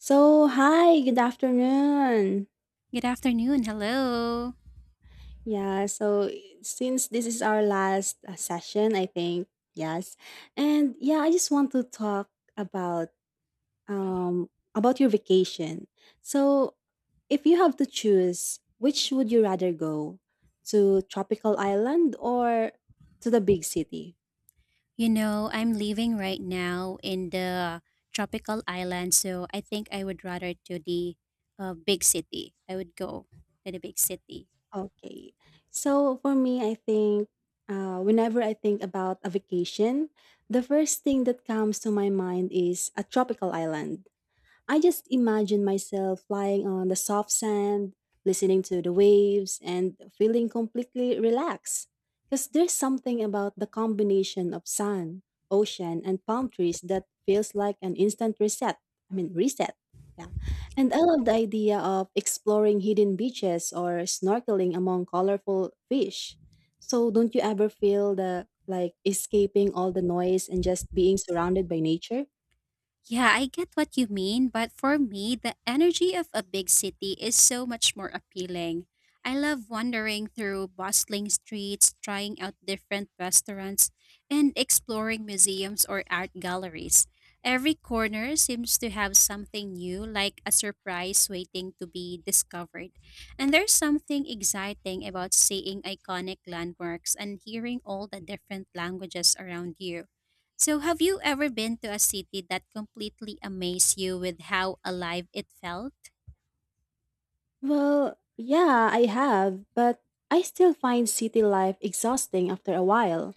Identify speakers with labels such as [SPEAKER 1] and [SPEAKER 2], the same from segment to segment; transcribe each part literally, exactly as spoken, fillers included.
[SPEAKER 1] So, hi, good afternoon.
[SPEAKER 2] Good afternoon. Hello.
[SPEAKER 1] Yeah, so since this is our last uh, session, I think, yes. And yeah, I just want to talk about um about your vacation. So, if you have to choose, which would you rather go? To tropical island or to the big city?
[SPEAKER 2] You know, I'm leaving right now in the tropical island, so I think I would rather to the uh, big city. I would go to the big city.
[SPEAKER 1] Okay. So for me, I think uh, whenever I think about a vacation, the first thing that comes to my mind is a tropical island. I just imagine myself lying on the soft sand, listening to the waves, and feeling completely relaxed. Because there's something about the combination of sun, ocean, and palm trees that feels like an instant reset. I mean, reset. Yeah. And I love the idea of exploring hidden beaches or snorkeling among colorful fish. So, don't you ever feel the like escaping all the noise and just being surrounded by nature?
[SPEAKER 2] Yeah, I get what you mean, but for me, the energy of a big city is so much more appealing. I love wandering through bustling streets, trying out different restaurants, and exploring museums or art galleries. Every corner seems to have something new, like a surprise waiting to be discovered. And there's something exciting about seeing iconic landmarks and hearing all the different languages around you. So, have you ever been to a city that completely amazed you with how alive it felt?
[SPEAKER 1] Well, yeah, I have, but I still find city life exhausting after a while.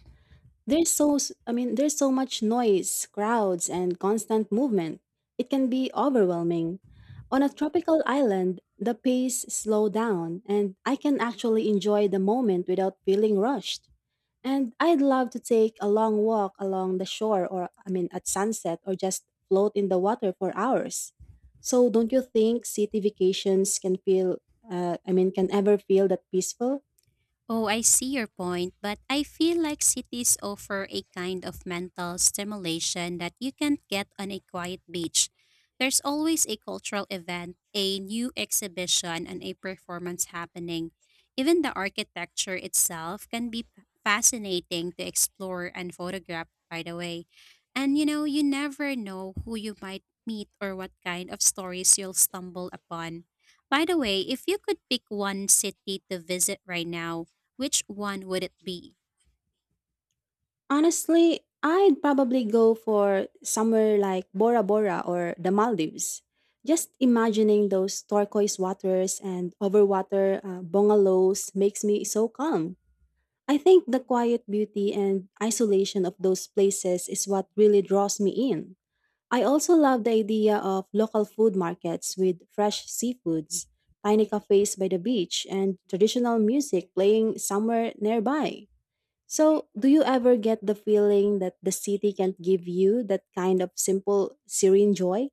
[SPEAKER 1] There's so s- I mean, there's so much noise, crowds, and constant movement. It can be overwhelming. On a tropical island, the pace slow down and I can actually enjoy the moment without feeling rushed. And I'd love to take a long walk along the shore or I mean at sunset or just float in the water for hours. So don't you think city vacations can feel uh, I mean can ever feel that peaceful?
[SPEAKER 2] Oh, I see your point, but I feel like cities offer a kind of mental stimulation that you can't get on a quiet beach. There's always a cultural event, a new exhibition, and a performance happening. Even the architecture itself can be p- fascinating to explore and photograph, by the way. And you know, you never know who you might meet or what kind of stories you'll stumble upon. By the way, if you could pick one city to visit right now, which one would it be?
[SPEAKER 1] Honestly, I'd probably go for somewhere like Bora Bora or the Maldives. Just imagining those turquoise waters and overwater uh, bungalows makes me so calm. I think the quiet beauty and isolation of those places is what really draws me in. I also love the idea of local food markets with fresh seafoods, tiny cafes by the beach, and traditional music playing somewhere nearby. So, do you ever get the feeling that the city can't give you that kind of simple, serene joy?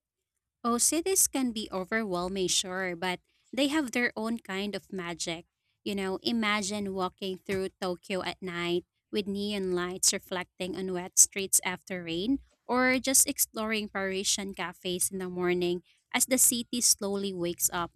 [SPEAKER 2] Oh, cities can be overwhelming, sure, but they have their own kind of magic. You know, imagine walking through Tokyo at night with neon lights reflecting on wet streets after rain, or just exploring Parisian cafes in the morning as the city slowly wakes up.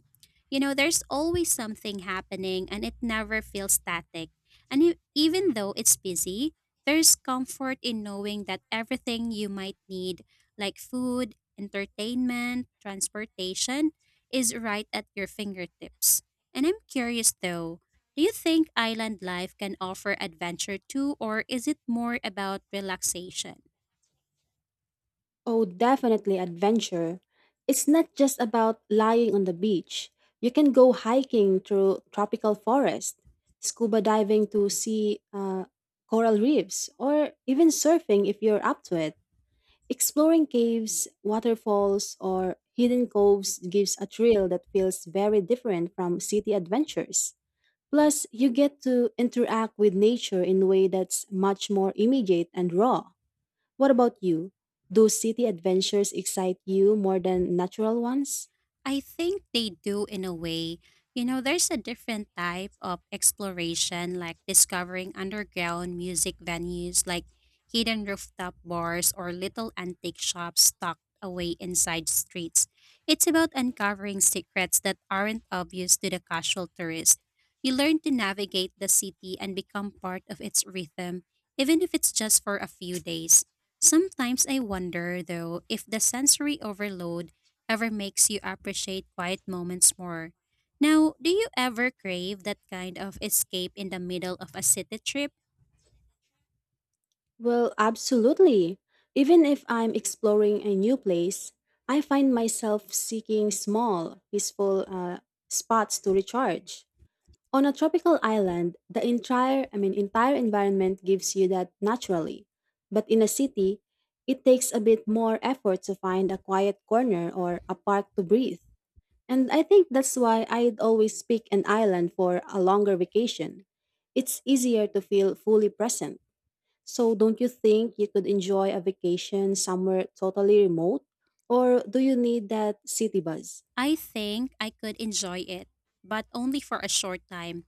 [SPEAKER 2] You know, there's always something happening and it never feels static. And e- even though it's busy, there's comfort in knowing that everything you might need, like food, entertainment, transportation is right at your fingertips. And I'm curious though, do you think island life can offer adventure too, or is it more about relaxation?
[SPEAKER 1] Oh, definitely adventure. It's not just about lying on the beach. You can go hiking through tropical forest, scuba diving to see uh, coral reefs, or even surfing if you're up to it. Exploring caves, waterfalls, or hidden coves gives a thrill that feels very different from city adventures. Plus, you get to interact with nature in a way that's much more immediate and raw. What about you? Do city adventures excite you more than natural ones?
[SPEAKER 2] I think they do in a way. You know, there's a different type of exploration, like discovering underground music venues, like hidden rooftop bars or little antique shops tucked away inside streets. It's about uncovering secrets that aren't obvious to the casual tourist. You learn to navigate the city and become part of its rhythm, even if it's just for a few days. Sometimes I wonder, though, if the sensory overload ever makes you appreciate quiet moments more. Now, do you ever crave that kind of escape in the middle of a city trip?
[SPEAKER 1] Well, absolutely. Even if I'm exploring a new place, I find myself seeking small, peaceful uh, spots to recharge. On a tropical island, the entire, I mean, entire environment gives you that naturally. But in a city, it takes a bit more effort to find a quiet corner or a park to breathe. And I think that's why I'd always pick an island for a longer vacation. It's easier to feel fully present. So, don't you think you could enjoy a vacation somewhere totally remote? Or do you need that city buzz?
[SPEAKER 2] I think I could enjoy it, but only for a short time.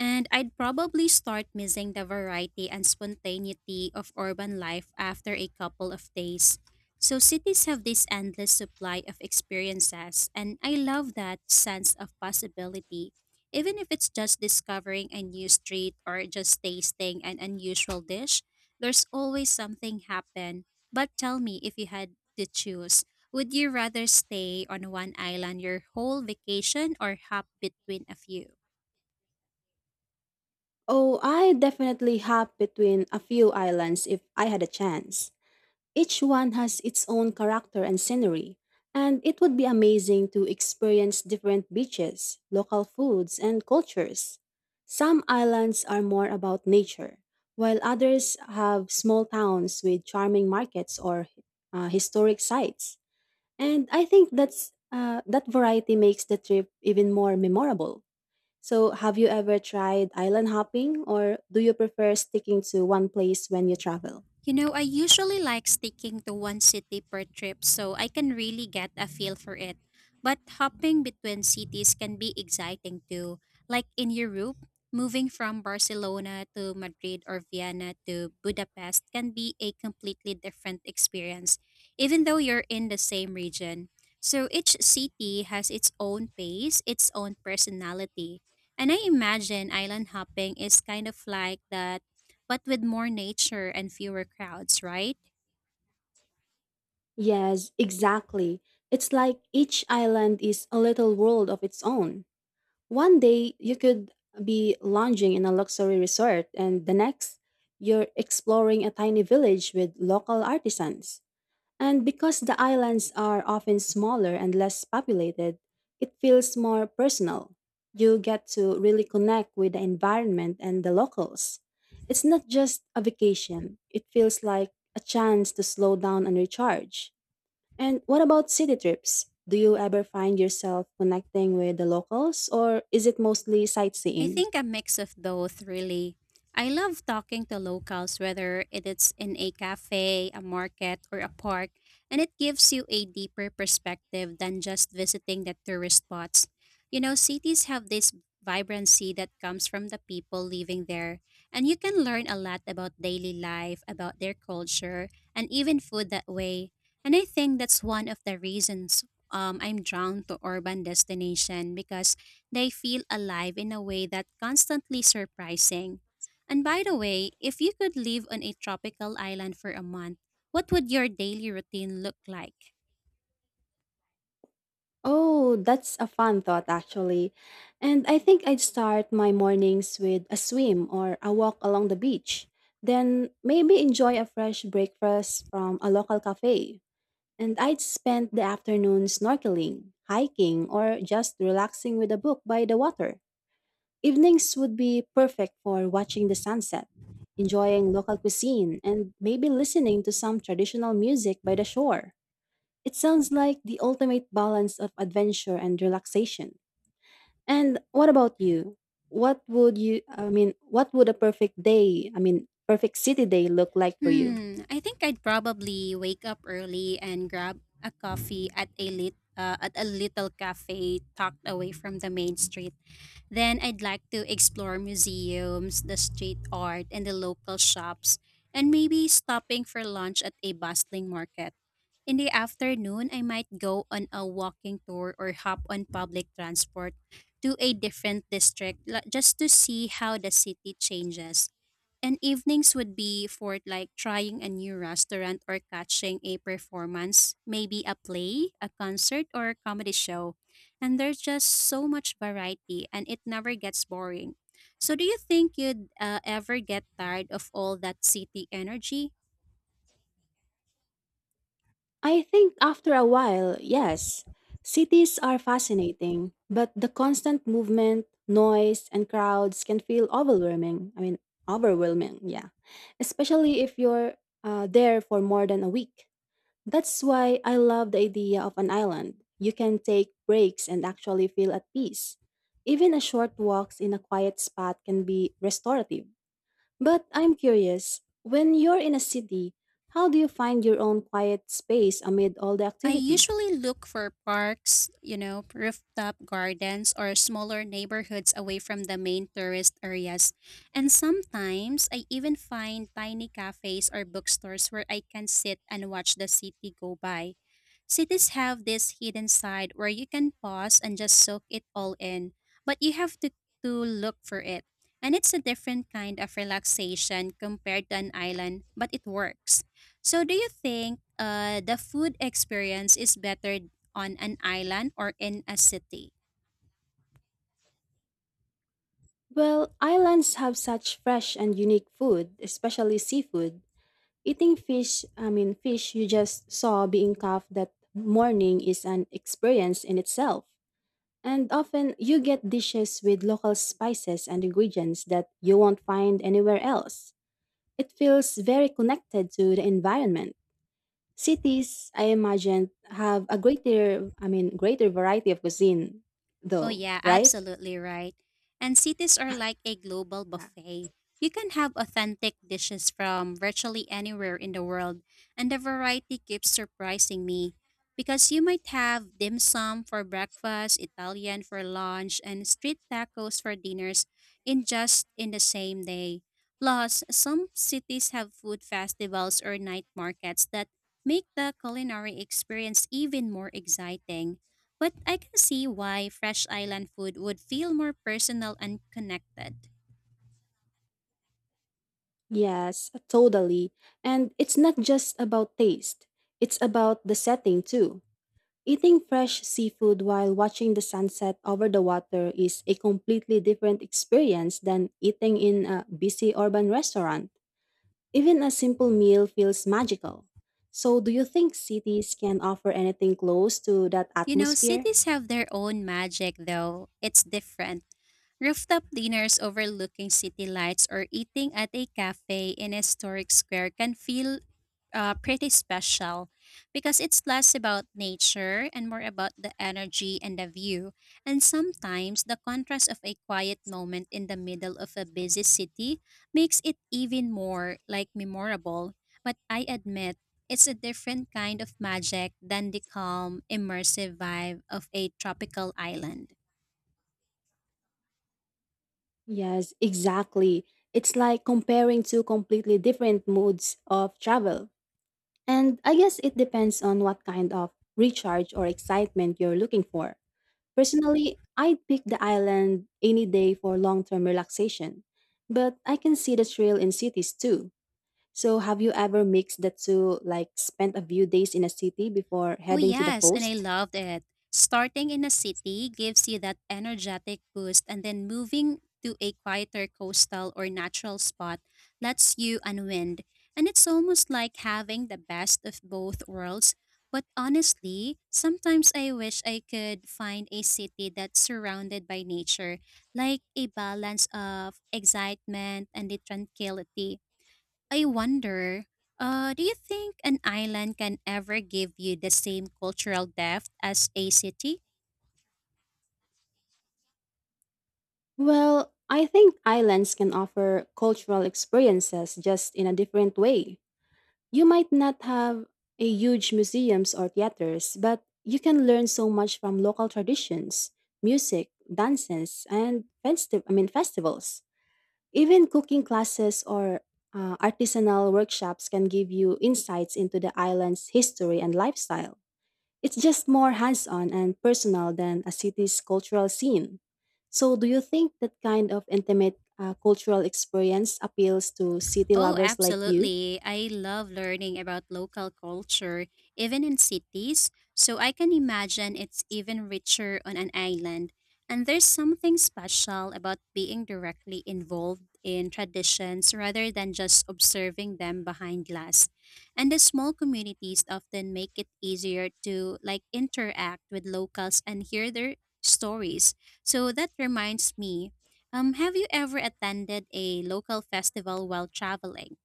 [SPEAKER 2] And I'd probably start missing the variety and spontaneity of urban life after a couple of days. So, cities have this endless supply of experiences, and I love that sense of possibility. Even if it's just discovering a new street or just tasting an unusual dish, there's always something happen. But tell me if you had to choose, would you rather stay on one island your whole vacation or hop between a few?
[SPEAKER 1] Oh, I definitely hop between a few islands if I had a chance. Each one has its own character and scenery, and it would be amazing to experience different beaches, local foods, and cultures. Some islands are more about nature, while others have small towns with charming markets or uh, historic sites. And I think that's uh, that variety makes the trip even more memorable. So, have you ever tried island hopping, or do you prefer sticking to one place when you travel?
[SPEAKER 2] You know, I usually like sticking to one city per trip so I can really get a feel for it. But hopping between cities can be exciting too. Like in Europe, moving from Barcelona to Madrid or Vienna to Budapest can be a completely different experience, even though you're in the same region. So each city has its own pace, its own personality. And I imagine island hopping is kind of like that but with more nature and fewer crowds, right?
[SPEAKER 1] Yes, exactly. It's like each island is a little world of its own. One day you could be lounging in a luxury resort, and the next, you're exploring a tiny village with local artisans. And because the islands are often smaller and less populated, it feels more personal. You get to really connect with the environment and the locals. It's not just a vacation, it feels like a chance to slow down and recharge. And what about city trips? Do you ever find yourself connecting with the locals or is it mostly
[SPEAKER 2] I
[SPEAKER 1] sightseeing?
[SPEAKER 2] think a mix of both, really. I love talking to locals, whether it is in a cafe, a market, or a park, and it gives you a deeper perspective than just visiting the tourist spots. You know, cities have this vibrancy that comes from the people living there, and you can learn a lot about daily life, about their culture, and even food that way. And I think that's one of the reasons um, I'm drawn to urban destination because they feel alive in a way that constantly surprising. And by the way, if you could live on a tropical island for a month, what would your daily routine look like?
[SPEAKER 1] Oh, that's a fun thought actually. And I think I'd start my mornings with a swim or a walk along the beach. Then maybe enjoy a fresh breakfast from a local cafe. And I'd spend the afternoon snorkeling, hiking, or just relaxing with a book by the water. Evenings would be perfect for watching the sunset, enjoying local cuisine, and maybe listening to some traditional music by the shore. It sounds like the ultimate balance of adventure and relaxation. And what about you? What would you, I mean, what would a perfect day, I mean, perfect city day look like for you?
[SPEAKER 2] Hmm, I think I'd probably wake up early and grab a coffee at a lit uh, at a little cafe tucked away from the main street. Then I'd like to explore museums, the street art, and the local shops, and maybe stopping for lunch at a bustling market. In the afternoon, I might go on a walking tour or hop on public transport to a different district la- just to see how the city changes. And evenings would be for like trying a new restaurant or catching a performance, maybe a play, a concert, or a comedy show. And there's just so much variety and it never gets boring. So, do you think you'd uh, ever get tired of all that city energy?
[SPEAKER 1] I think after a while, yes. Cities are fascinating, but the constant movement, noise, and crowds can feel overwhelming. I mean, overwhelming, yeah. Especially if you're uh, there for more than a week. That's why I love the idea of an island. You can take breaks and actually feel at peace. Even a short walks in a quiet spot can be restorative. But I'm curious, when you're in a city, how do you find your own quiet space amid all the
[SPEAKER 2] I
[SPEAKER 1] activity?
[SPEAKER 2] usually look for parks, you know, rooftop gardens, or smaller neighborhoods away from the main tourist areas. And sometimes I even find tiny cafes or bookstores where I can sit and watch the city go by. Cities have this hidden side where you can pause and just soak it all in, but you have to, to look for it. And it's a different kind of relaxation compared to an island, but it works. So, do you think uh, the food experience is better on an island or in a city?
[SPEAKER 1] Well, islands have such fresh and unique food, especially seafood. Eating fish, I mean, fish you just saw being caught that morning is an experience in itself. And often you get dishes with local spices and ingredients that you won't find anywhere else. It feels very connected to the environment. Cities, I imagine, have a greater, I mean, greater variety of cuisine,
[SPEAKER 2] Oh,
[SPEAKER 1] though,
[SPEAKER 2] yeah,
[SPEAKER 1] right?
[SPEAKER 2] absolutely right. And cities are like a global
[SPEAKER 1] Yeah.
[SPEAKER 2] buffet. You can have authentic dishes from virtually anywhere in the world, and the variety keeps surprising me because you might have dim sum for breakfast, Italian for lunch, and street tacos for dinners in just in the same day. Plus, some cities have food festivals or night markets that make the culinary experience even more exciting. But I can see why fresh island food would feel more personal and connected.
[SPEAKER 1] Yes, totally. And it's not just about taste, it's about the setting too. Eating fresh seafood while watching the sunset over the water is a completely different experience than eating in a busy urban restaurant. Even a simple meal feels magical. So, do you think cities can offer anything close to that
[SPEAKER 2] You know,
[SPEAKER 1] atmosphere?
[SPEAKER 2] cities have their own magic, though. It's different. Rooftop dinners overlooking city lights or eating at a cafe in a historic square can feel uh, pretty special because it's less about nature and more about the energy and the view. And sometimes the contrast of a quiet moment in the middle of a busy city makes it even more like memorable. But I admit, it's a different kind of magic than the calm, immersive vibe of a tropical island.
[SPEAKER 1] Yes, exactly. It's like comparing two completely different modes of travel. And I guess it depends on what kind of recharge or excitement you're looking for. Personally, I'd pick the island any day for long term relaxation. But I can see the thrill in cities too. So, have you ever mixed the two, like spent a few days in a city before
[SPEAKER 2] Oh,
[SPEAKER 1] heading to the
[SPEAKER 2] yes, and I
[SPEAKER 1] coast?
[SPEAKER 2] loved it. Starting in a city gives you that energetic boost, and then moving to a quieter coastal or natural spot lets you unwind. And it's almost like having the best of both worlds. But honestly, sometimes I wish I could find a city that's surrounded by nature, like a balance of excitement and the tranquility. I wonder, uh, do you think an island can ever give you the same cultural depth as a city?
[SPEAKER 1] Well, I think islands can offer cultural experiences just in a different way. You might not have a huge museums or theaters, but you can learn so much from local traditions, music, dances, and festi- I mean festivals. Even cooking classes or uh, artisanal workshops can give you insights into the island's history and lifestyle. It's just more hands-on and personal than a city's cultural scene. So, do you think that kind of intimate uh, cultural experience appeals to city
[SPEAKER 2] Oh,
[SPEAKER 1] lovers like you?
[SPEAKER 2] absolutely. I love learning about local culture, even in cities, so I can imagine it's even richer on an island. And there's something special about being directly involved in traditions rather than just observing them behind glass. And the small communities often make it easier to like interact with locals and hear their stories. So that reminds me, um, have you ever attended a local festival while traveling?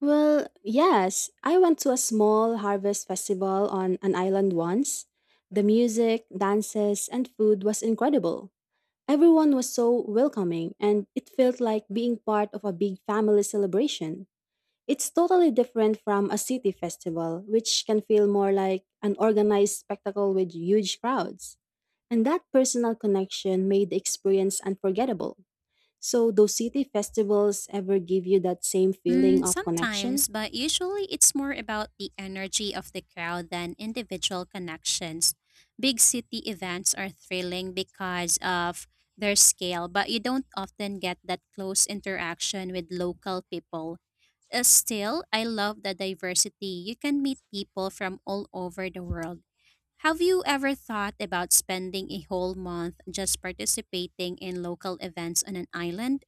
[SPEAKER 1] Well, yes, I went to a small harvest festival on an island once. The music, dances, and food was incredible. Everyone was so welcoming, and it felt like being part of a big family celebration. It's totally different from a city festival, which can feel more like an organized spectacle with huge crowds. And that personal connection made the experience unforgettable. So, do city festivals ever give you that same feeling
[SPEAKER 2] Mm,
[SPEAKER 1] of connection?
[SPEAKER 2] sometimes, but usually it's more about the energy of the crowd than individual connections. Big city events are thrilling because of their scale, but you don't often get that close interaction with local people. Uh, still, I love the diversity. You can meet people from all over the world. Have you ever thought about spending a whole month just participating in local events on an island?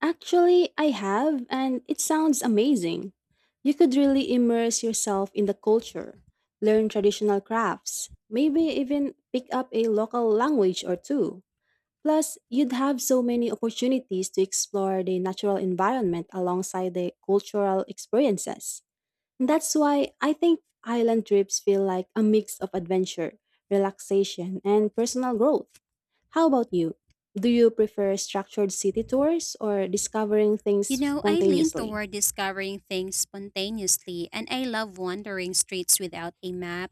[SPEAKER 1] Actually, I have, and it sounds amazing. You could really immerse yourself in the culture, learn traditional crafts, maybe even pick up a local language or two. Plus, you'd have so many opportunities to explore the natural environment alongside the cultural experiences. And that's why I think island trips feel like a mix of adventure, relaxation, and personal growth. How about you? Do you prefer structured city tours or discovering things
[SPEAKER 2] You know, I lean
[SPEAKER 1] spontaneously?
[SPEAKER 2] toward discovering things spontaneously, and I love wandering streets without a map,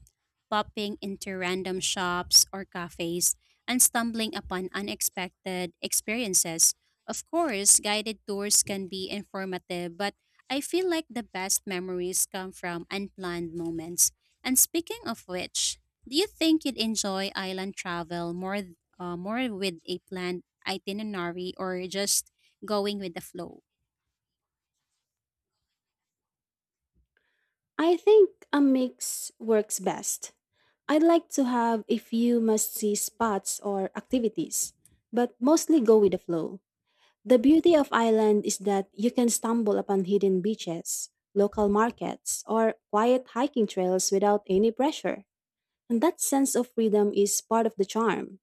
[SPEAKER 2] popping into random shops or cafes, and stumbling upon unexpected experiences. Of course, guided tours can be informative, but I feel like the best memories come from unplanned moments. And speaking of which, do you think you'd enjoy island travel more, uh, more with a planned itinerary or just going with the flow?
[SPEAKER 1] I think a mix works best. I'd like to have a few must see spots or activities, but mostly go with the flow. The beauty of Ireland is that you can stumble upon hidden beaches, local markets, or quiet hiking trails without any pressure. And that sense of freedom is part of the charm.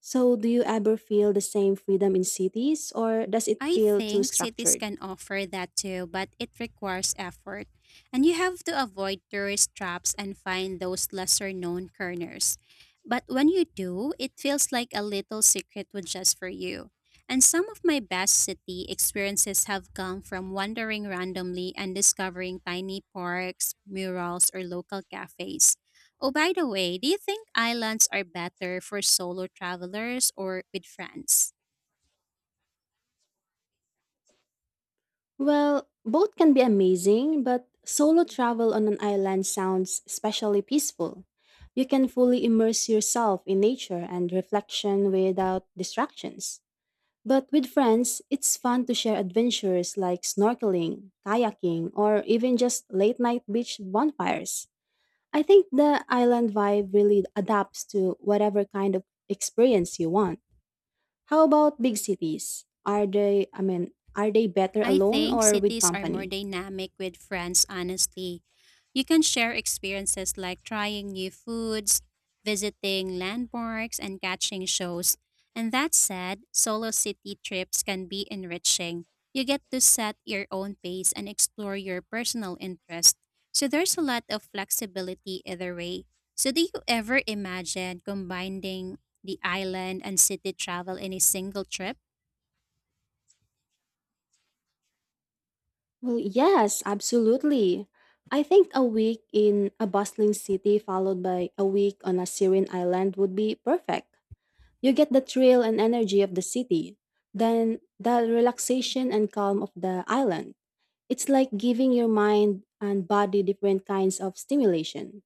[SPEAKER 1] So, do you ever feel the same freedom in cities or does it
[SPEAKER 2] I
[SPEAKER 1] feel too
[SPEAKER 2] think cities
[SPEAKER 1] structured?
[SPEAKER 2] can offer that too, but it requires effort. And you have to avoid tourist traps and find those lesser known corners. But when you do, it feels like a little secret was just for you. And some of my best city experiences have come from wandering randomly and discovering tiny parks, murals, or local cafes. Oh, by the way, do you think islands are better for solo travelers or with friends?
[SPEAKER 1] Well, both can be amazing, but solo travel on an island sounds especially peaceful. You can fully immerse yourself in nature and reflection without distractions. But with friends, it's fun to share adventures like snorkeling, kayaking, or even just late night beach bonfires. I think the island vibe really adapts to whatever kind of experience you want. How about big cities? Are they, I mean, are they better
[SPEAKER 2] I
[SPEAKER 1] alone
[SPEAKER 2] think
[SPEAKER 1] or with
[SPEAKER 2] cities are more
[SPEAKER 1] company?
[SPEAKER 2] dynamic with friends, honestly. You can share experiences like trying new foods, visiting landmarks, and catching shows. And that said, solo city trips can be enriching. You get to set your own pace and explore your personal interests. So there's a lot of flexibility either way. So, do you ever imagine combining the island and city travel in a single trip?
[SPEAKER 1] Well, yes, absolutely. I think a week in a bustling city followed by a week on a serene island would be perfect. You get the thrill and energy of the city, then the relaxation and calm of the island. It's like giving your mind and body different kinds of stimulation.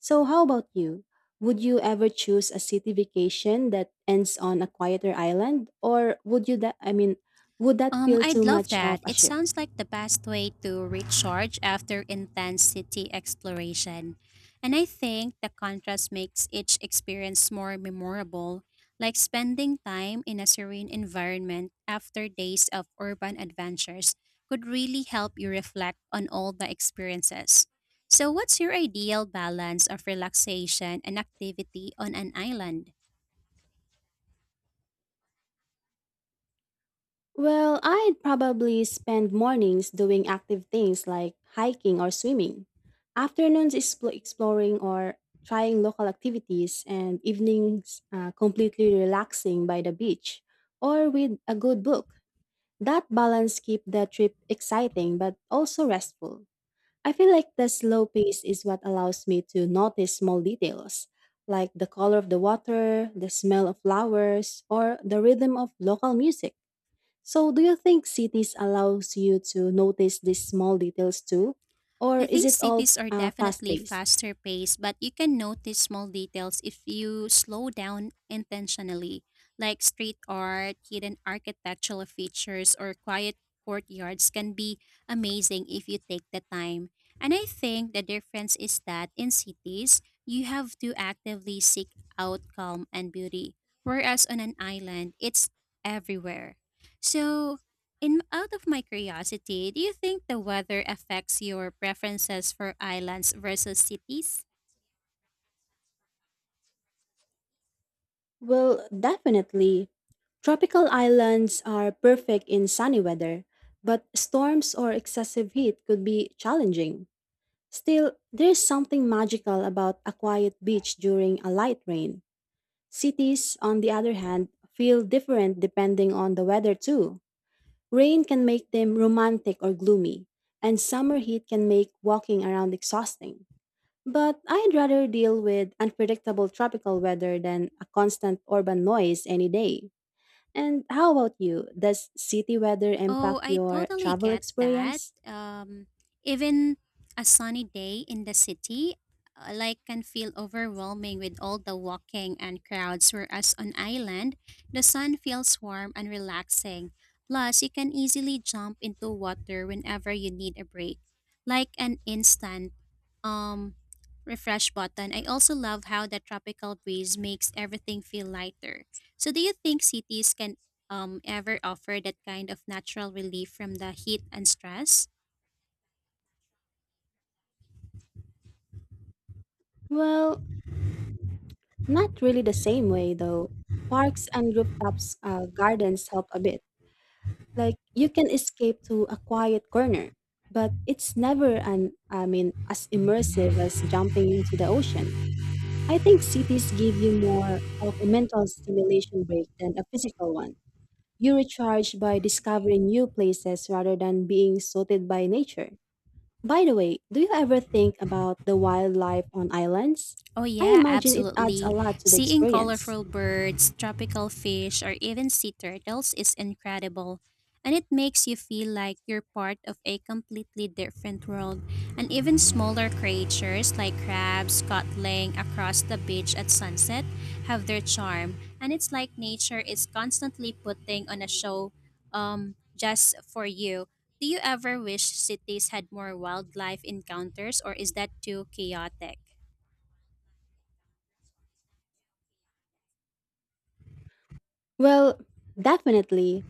[SPEAKER 1] So, how about you? Would you ever choose a city vacation that ends on a quieter island, or would you that I mean, would that
[SPEAKER 2] Um,
[SPEAKER 1] feel too
[SPEAKER 2] I'd love
[SPEAKER 1] much of
[SPEAKER 2] that.
[SPEAKER 1] a
[SPEAKER 2] It
[SPEAKER 1] shift?
[SPEAKER 2] sounds like the best way to recharge after intense city exploration. And I think the contrast makes each experience more memorable, like spending time in a serene environment after days of urban adventures could really help you reflect on all the experiences. So, what's your ideal balance of relaxation and activity on an island?
[SPEAKER 1] Well, I'd probably spend mornings doing active things like hiking or swimming, afternoons expl- exploring or trying local activities, and evenings uh, completely relaxing by the beach or with a good book. That balance keeps the trip exciting but also restful. I feel like the slow pace is what allows me to notice small details, like the color of the water, the smell of flowers, or the rhythm of local music. So, do you think cities allows you to notice these small details too, or
[SPEAKER 2] I
[SPEAKER 1] is
[SPEAKER 2] think
[SPEAKER 1] it all
[SPEAKER 2] cities are
[SPEAKER 1] uh, fast
[SPEAKER 2] definitely
[SPEAKER 1] paced?
[SPEAKER 2] faster paced, but you can notice small details if you slow down intentionally, like street art, hidden architectural features, or quiet courtyards can be amazing if you take the time. And I think the difference is that in cities, you have to actively seek out calm and beauty, whereas on an island, it's everywhere. So, in out of my curiosity, do you think the weather affects your preferences for islands versus cities?
[SPEAKER 1] Well, definitely. Tropical islands are perfect in sunny weather, but storms or excessive heat could be challenging. Still, there's something magical about a quiet beach during a light rain. Cities, on the other hand, feel different depending on the weather, too. Rain can make them romantic or gloomy, and summer heat can make walking around exhausting. But I'd rather deal with unpredictable tropical weather than a constant urban noise any day. And how about you? Does city weather
[SPEAKER 2] Oh,
[SPEAKER 1] impact
[SPEAKER 2] I
[SPEAKER 1] your
[SPEAKER 2] totally
[SPEAKER 1] travel
[SPEAKER 2] get that.
[SPEAKER 1] experience?
[SPEAKER 2] Um, even a sunny day in the city, uh, like can feel overwhelming with all the walking and crowds. Whereas on island, the sun feels warm and relaxing. Plus, you can easily jump into water whenever you need a break, like an instant um refresh button. I also love how the tropical breeze makes everything feel lighter. So, do you think cities can um, ever offer that kind of natural relief from the heat and stress?
[SPEAKER 1] Well, not really the same way, though. Parks and rooftops uh, gardens help a bit. Like you can escape to a quiet corner, but it's never an I mean as immersive as jumping into the ocean. I think cities give you more of a mental stimulation break than a physical one. You recharge by discovering new places rather than being sorted by nature. By the way, do you ever think about the wildlife on islands?
[SPEAKER 2] Oh,
[SPEAKER 1] I
[SPEAKER 2] yeah,
[SPEAKER 1] imagine it adds a
[SPEAKER 2] absolutely.
[SPEAKER 1] lot to the
[SPEAKER 2] Seeing
[SPEAKER 1] experience.
[SPEAKER 2] colorful birds, tropical fish, or even sea turtles is incredible. And it makes you feel like you're part of a completely different world. And even smaller creatures like crabs scuttling across the beach at sunset have their charm. And it's like nature is constantly putting on a show um, just for you. Do you ever wish cities had more wildlife encounters, or is that too chaotic?
[SPEAKER 1] Well, definitely.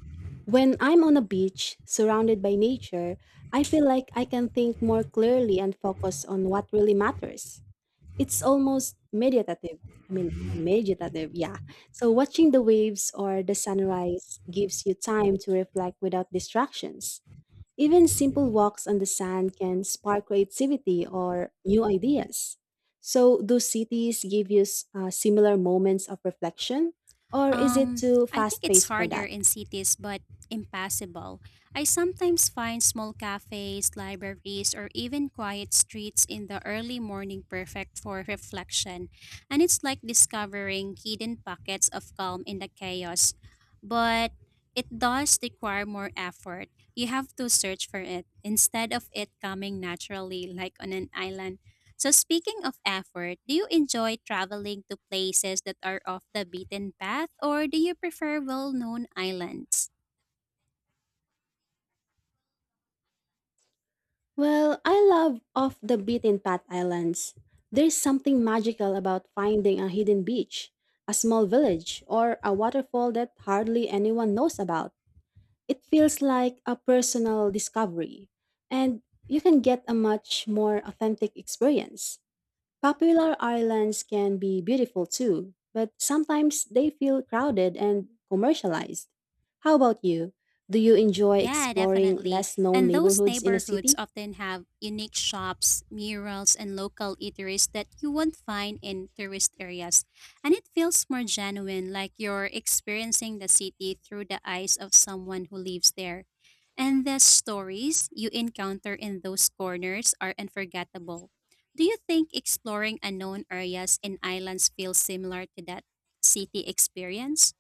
[SPEAKER 1] When I'm on a beach surrounded by nature, I feel like I can think more clearly and focus on what really matters. It's almost meditative. I mean, meditative, yeah. So, watching the waves or the sunrise gives you time to reflect without distractions. Even simple walks on the sand can spark creativity or new ideas. So, do cities give you s- uh, similar moments of reflection, or is it
[SPEAKER 2] Um,
[SPEAKER 1] too
[SPEAKER 2] I think
[SPEAKER 1] fast
[SPEAKER 2] it's
[SPEAKER 1] paced for
[SPEAKER 2] harder
[SPEAKER 1] that?
[SPEAKER 2] in cities but impassable. I sometimes find small cafes, libraries, or even quiet streets in the early morning perfect for reflection, and it's like discovering hidden pockets of calm in the chaos. But it does require more effort. You have to search for it instead of it coming naturally, like on an island. So speaking of effort, do you enjoy traveling to places that are off the beaten path or do you prefer well-known islands?
[SPEAKER 1] Well, I love off the beaten path islands. There's something magical about finding a hidden beach, a small village, or a waterfall that hardly anyone knows about. It feels like a personal discovery, and you can get a much more authentic experience. Popular islands can be beautiful too, but sometimes they feel crowded and commercialized. How about you? Do you enjoy
[SPEAKER 2] Yeah,
[SPEAKER 1] exploring
[SPEAKER 2] definitely.
[SPEAKER 1] less known
[SPEAKER 2] And those
[SPEAKER 1] neighborhoods in a
[SPEAKER 2] neighborhoods
[SPEAKER 1] city?
[SPEAKER 2] often have unique shops, murals, and local eateries that you won't find in tourist areas. And it feels more genuine, like you're experiencing the city through the eyes of someone who lives there. And the stories you encounter in those corners are unforgettable. Do you think exploring unknown areas and islands feels similar to that city experience?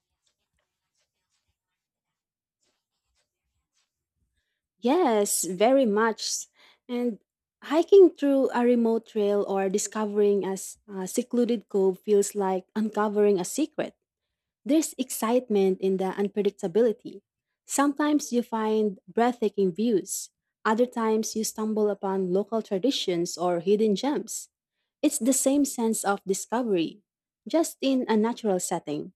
[SPEAKER 1] Yes, very much. And hiking through a remote trail or discovering a s- a secluded cove feels like uncovering a secret. There's excitement in the unpredictability. Sometimes you find breathtaking views, other times you stumble upon local traditions or hidden gems. It's the same sense of discovery, just in a natural setting.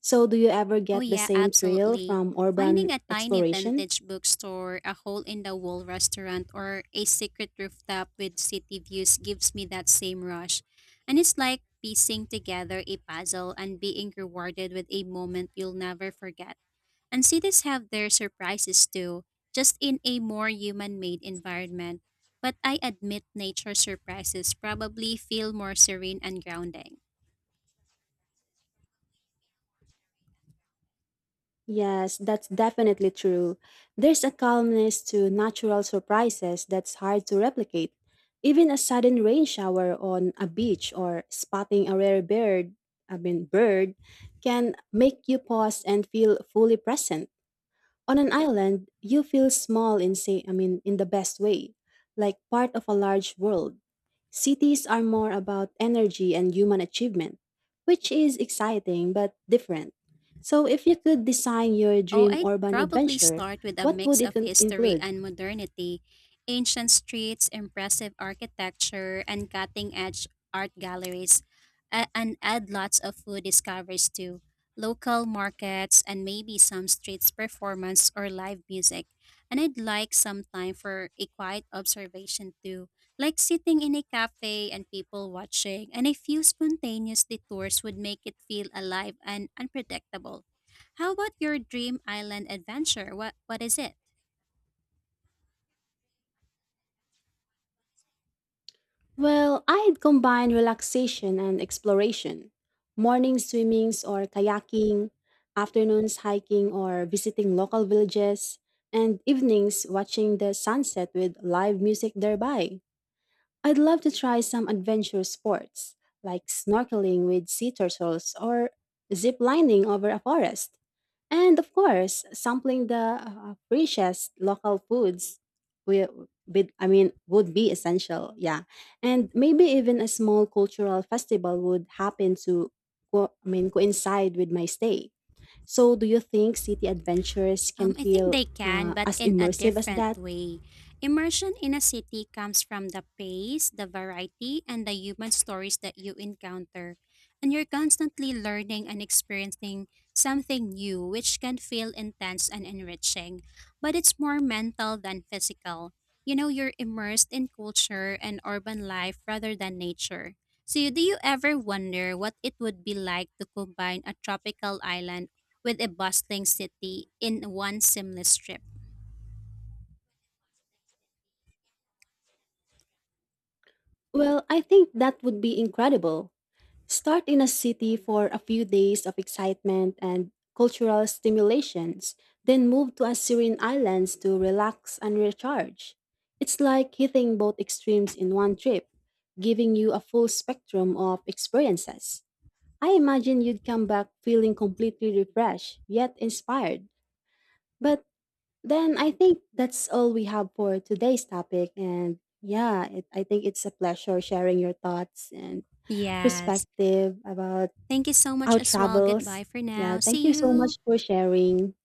[SPEAKER 1] So, do you ever
[SPEAKER 2] Oh,
[SPEAKER 1] get the
[SPEAKER 2] yeah,
[SPEAKER 1] same thrill
[SPEAKER 2] absolutely.
[SPEAKER 1] from urban
[SPEAKER 2] Finding a tiny
[SPEAKER 1] exploration?
[SPEAKER 2] vintage bookstore, a hole in the wall restaurant, or a secret rooftop with city views gives me that same rush. And it's like piecing together a puzzle and being rewarded with a moment you'll never forget. And cities have their surprises too, just in a more human made environment. But I admit nature surprises probably feel more serene and grounding.
[SPEAKER 1] Yes, that's definitely true. There's a calmness to natural surprises that's hard to replicate. Even a sudden rain shower on a beach or spotting a rare bird, I mean bird, can make you pause and feel fully present. On an island, you feel small in say I mean in the best way, like part of a large world. Cities are more about energy and human achievement, which is exciting but different. So if you could design your
[SPEAKER 2] Oh,
[SPEAKER 1] dream
[SPEAKER 2] I'd
[SPEAKER 1] urban
[SPEAKER 2] probably
[SPEAKER 1] adventure,
[SPEAKER 2] start with a
[SPEAKER 1] what would
[SPEAKER 2] mix
[SPEAKER 1] it
[SPEAKER 2] of
[SPEAKER 1] con-
[SPEAKER 2] history
[SPEAKER 1] include?
[SPEAKER 2] and modernity, ancient streets, impressive architecture, and cutting edge art galleries, a- and add lots of food discoveries too, local markets, and maybe some streets performance or live music. And I'd like some time for a quiet observation too, like sitting in a cafe and people watching, and a few spontaneous detours would make it feel alive and unpredictable. How about your dream island adventure? What what is it?
[SPEAKER 1] Well, I'd combine relaxation and exploration. Morning swimmings or kayaking, afternoons hiking or visiting local villages, and evenings watching the sunset with live music nearby. I'd love to try some adventure sports, like snorkeling with sea turtles or zip lining over a forest. And of course, sampling the uh, freshest local foods will be, I mean, would be essential. Yeah. And maybe even a small cultural festival would happen to, co- I mean, coincide with my stay. So do you think city adventures can
[SPEAKER 2] Um, I think
[SPEAKER 1] feel
[SPEAKER 2] they can,
[SPEAKER 1] uh,
[SPEAKER 2] but
[SPEAKER 1] as
[SPEAKER 2] in a
[SPEAKER 1] immersive as
[SPEAKER 2] different
[SPEAKER 1] that?
[SPEAKER 2] way. Immersion in a city comes from the pace, the variety, and the human stories that you encounter. And you're constantly learning and experiencing something new, which can feel intense and enriching. But it's more mental than physical. You know, you're immersed in culture and urban life rather than nature. So, do you ever wonder what it would be like to combine a tropical island with a bustling city in one seamless trip?
[SPEAKER 1] Well, I think that would be incredible. Start in a city for a few days of excitement and cultural stimulations, then move to a serene islands to relax and recharge. It's like hitting both extremes in one trip, giving you a full spectrum of experiences. I imagine you'd come back feeling completely refreshed, yet inspired. But then I think that's all we have for today's topic. And yeah, it, I think it's a pleasure sharing your thoughts and
[SPEAKER 2] Yes.
[SPEAKER 1] perspective about
[SPEAKER 2] Thank you so much
[SPEAKER 1] our
[SPEAKER 2] as well. Goodbye
[SPEAKER 1] travels.
[SPEAKER 2] for
[SPEAKER 1] Yeah,
[SPEAKER 2] now.
[SPEAKER 1] thank
[SPEAKER 2] See
[SPEAKER 1] you so much
[SPEAKER 2] you.
[SPEAKER 1] for sharing.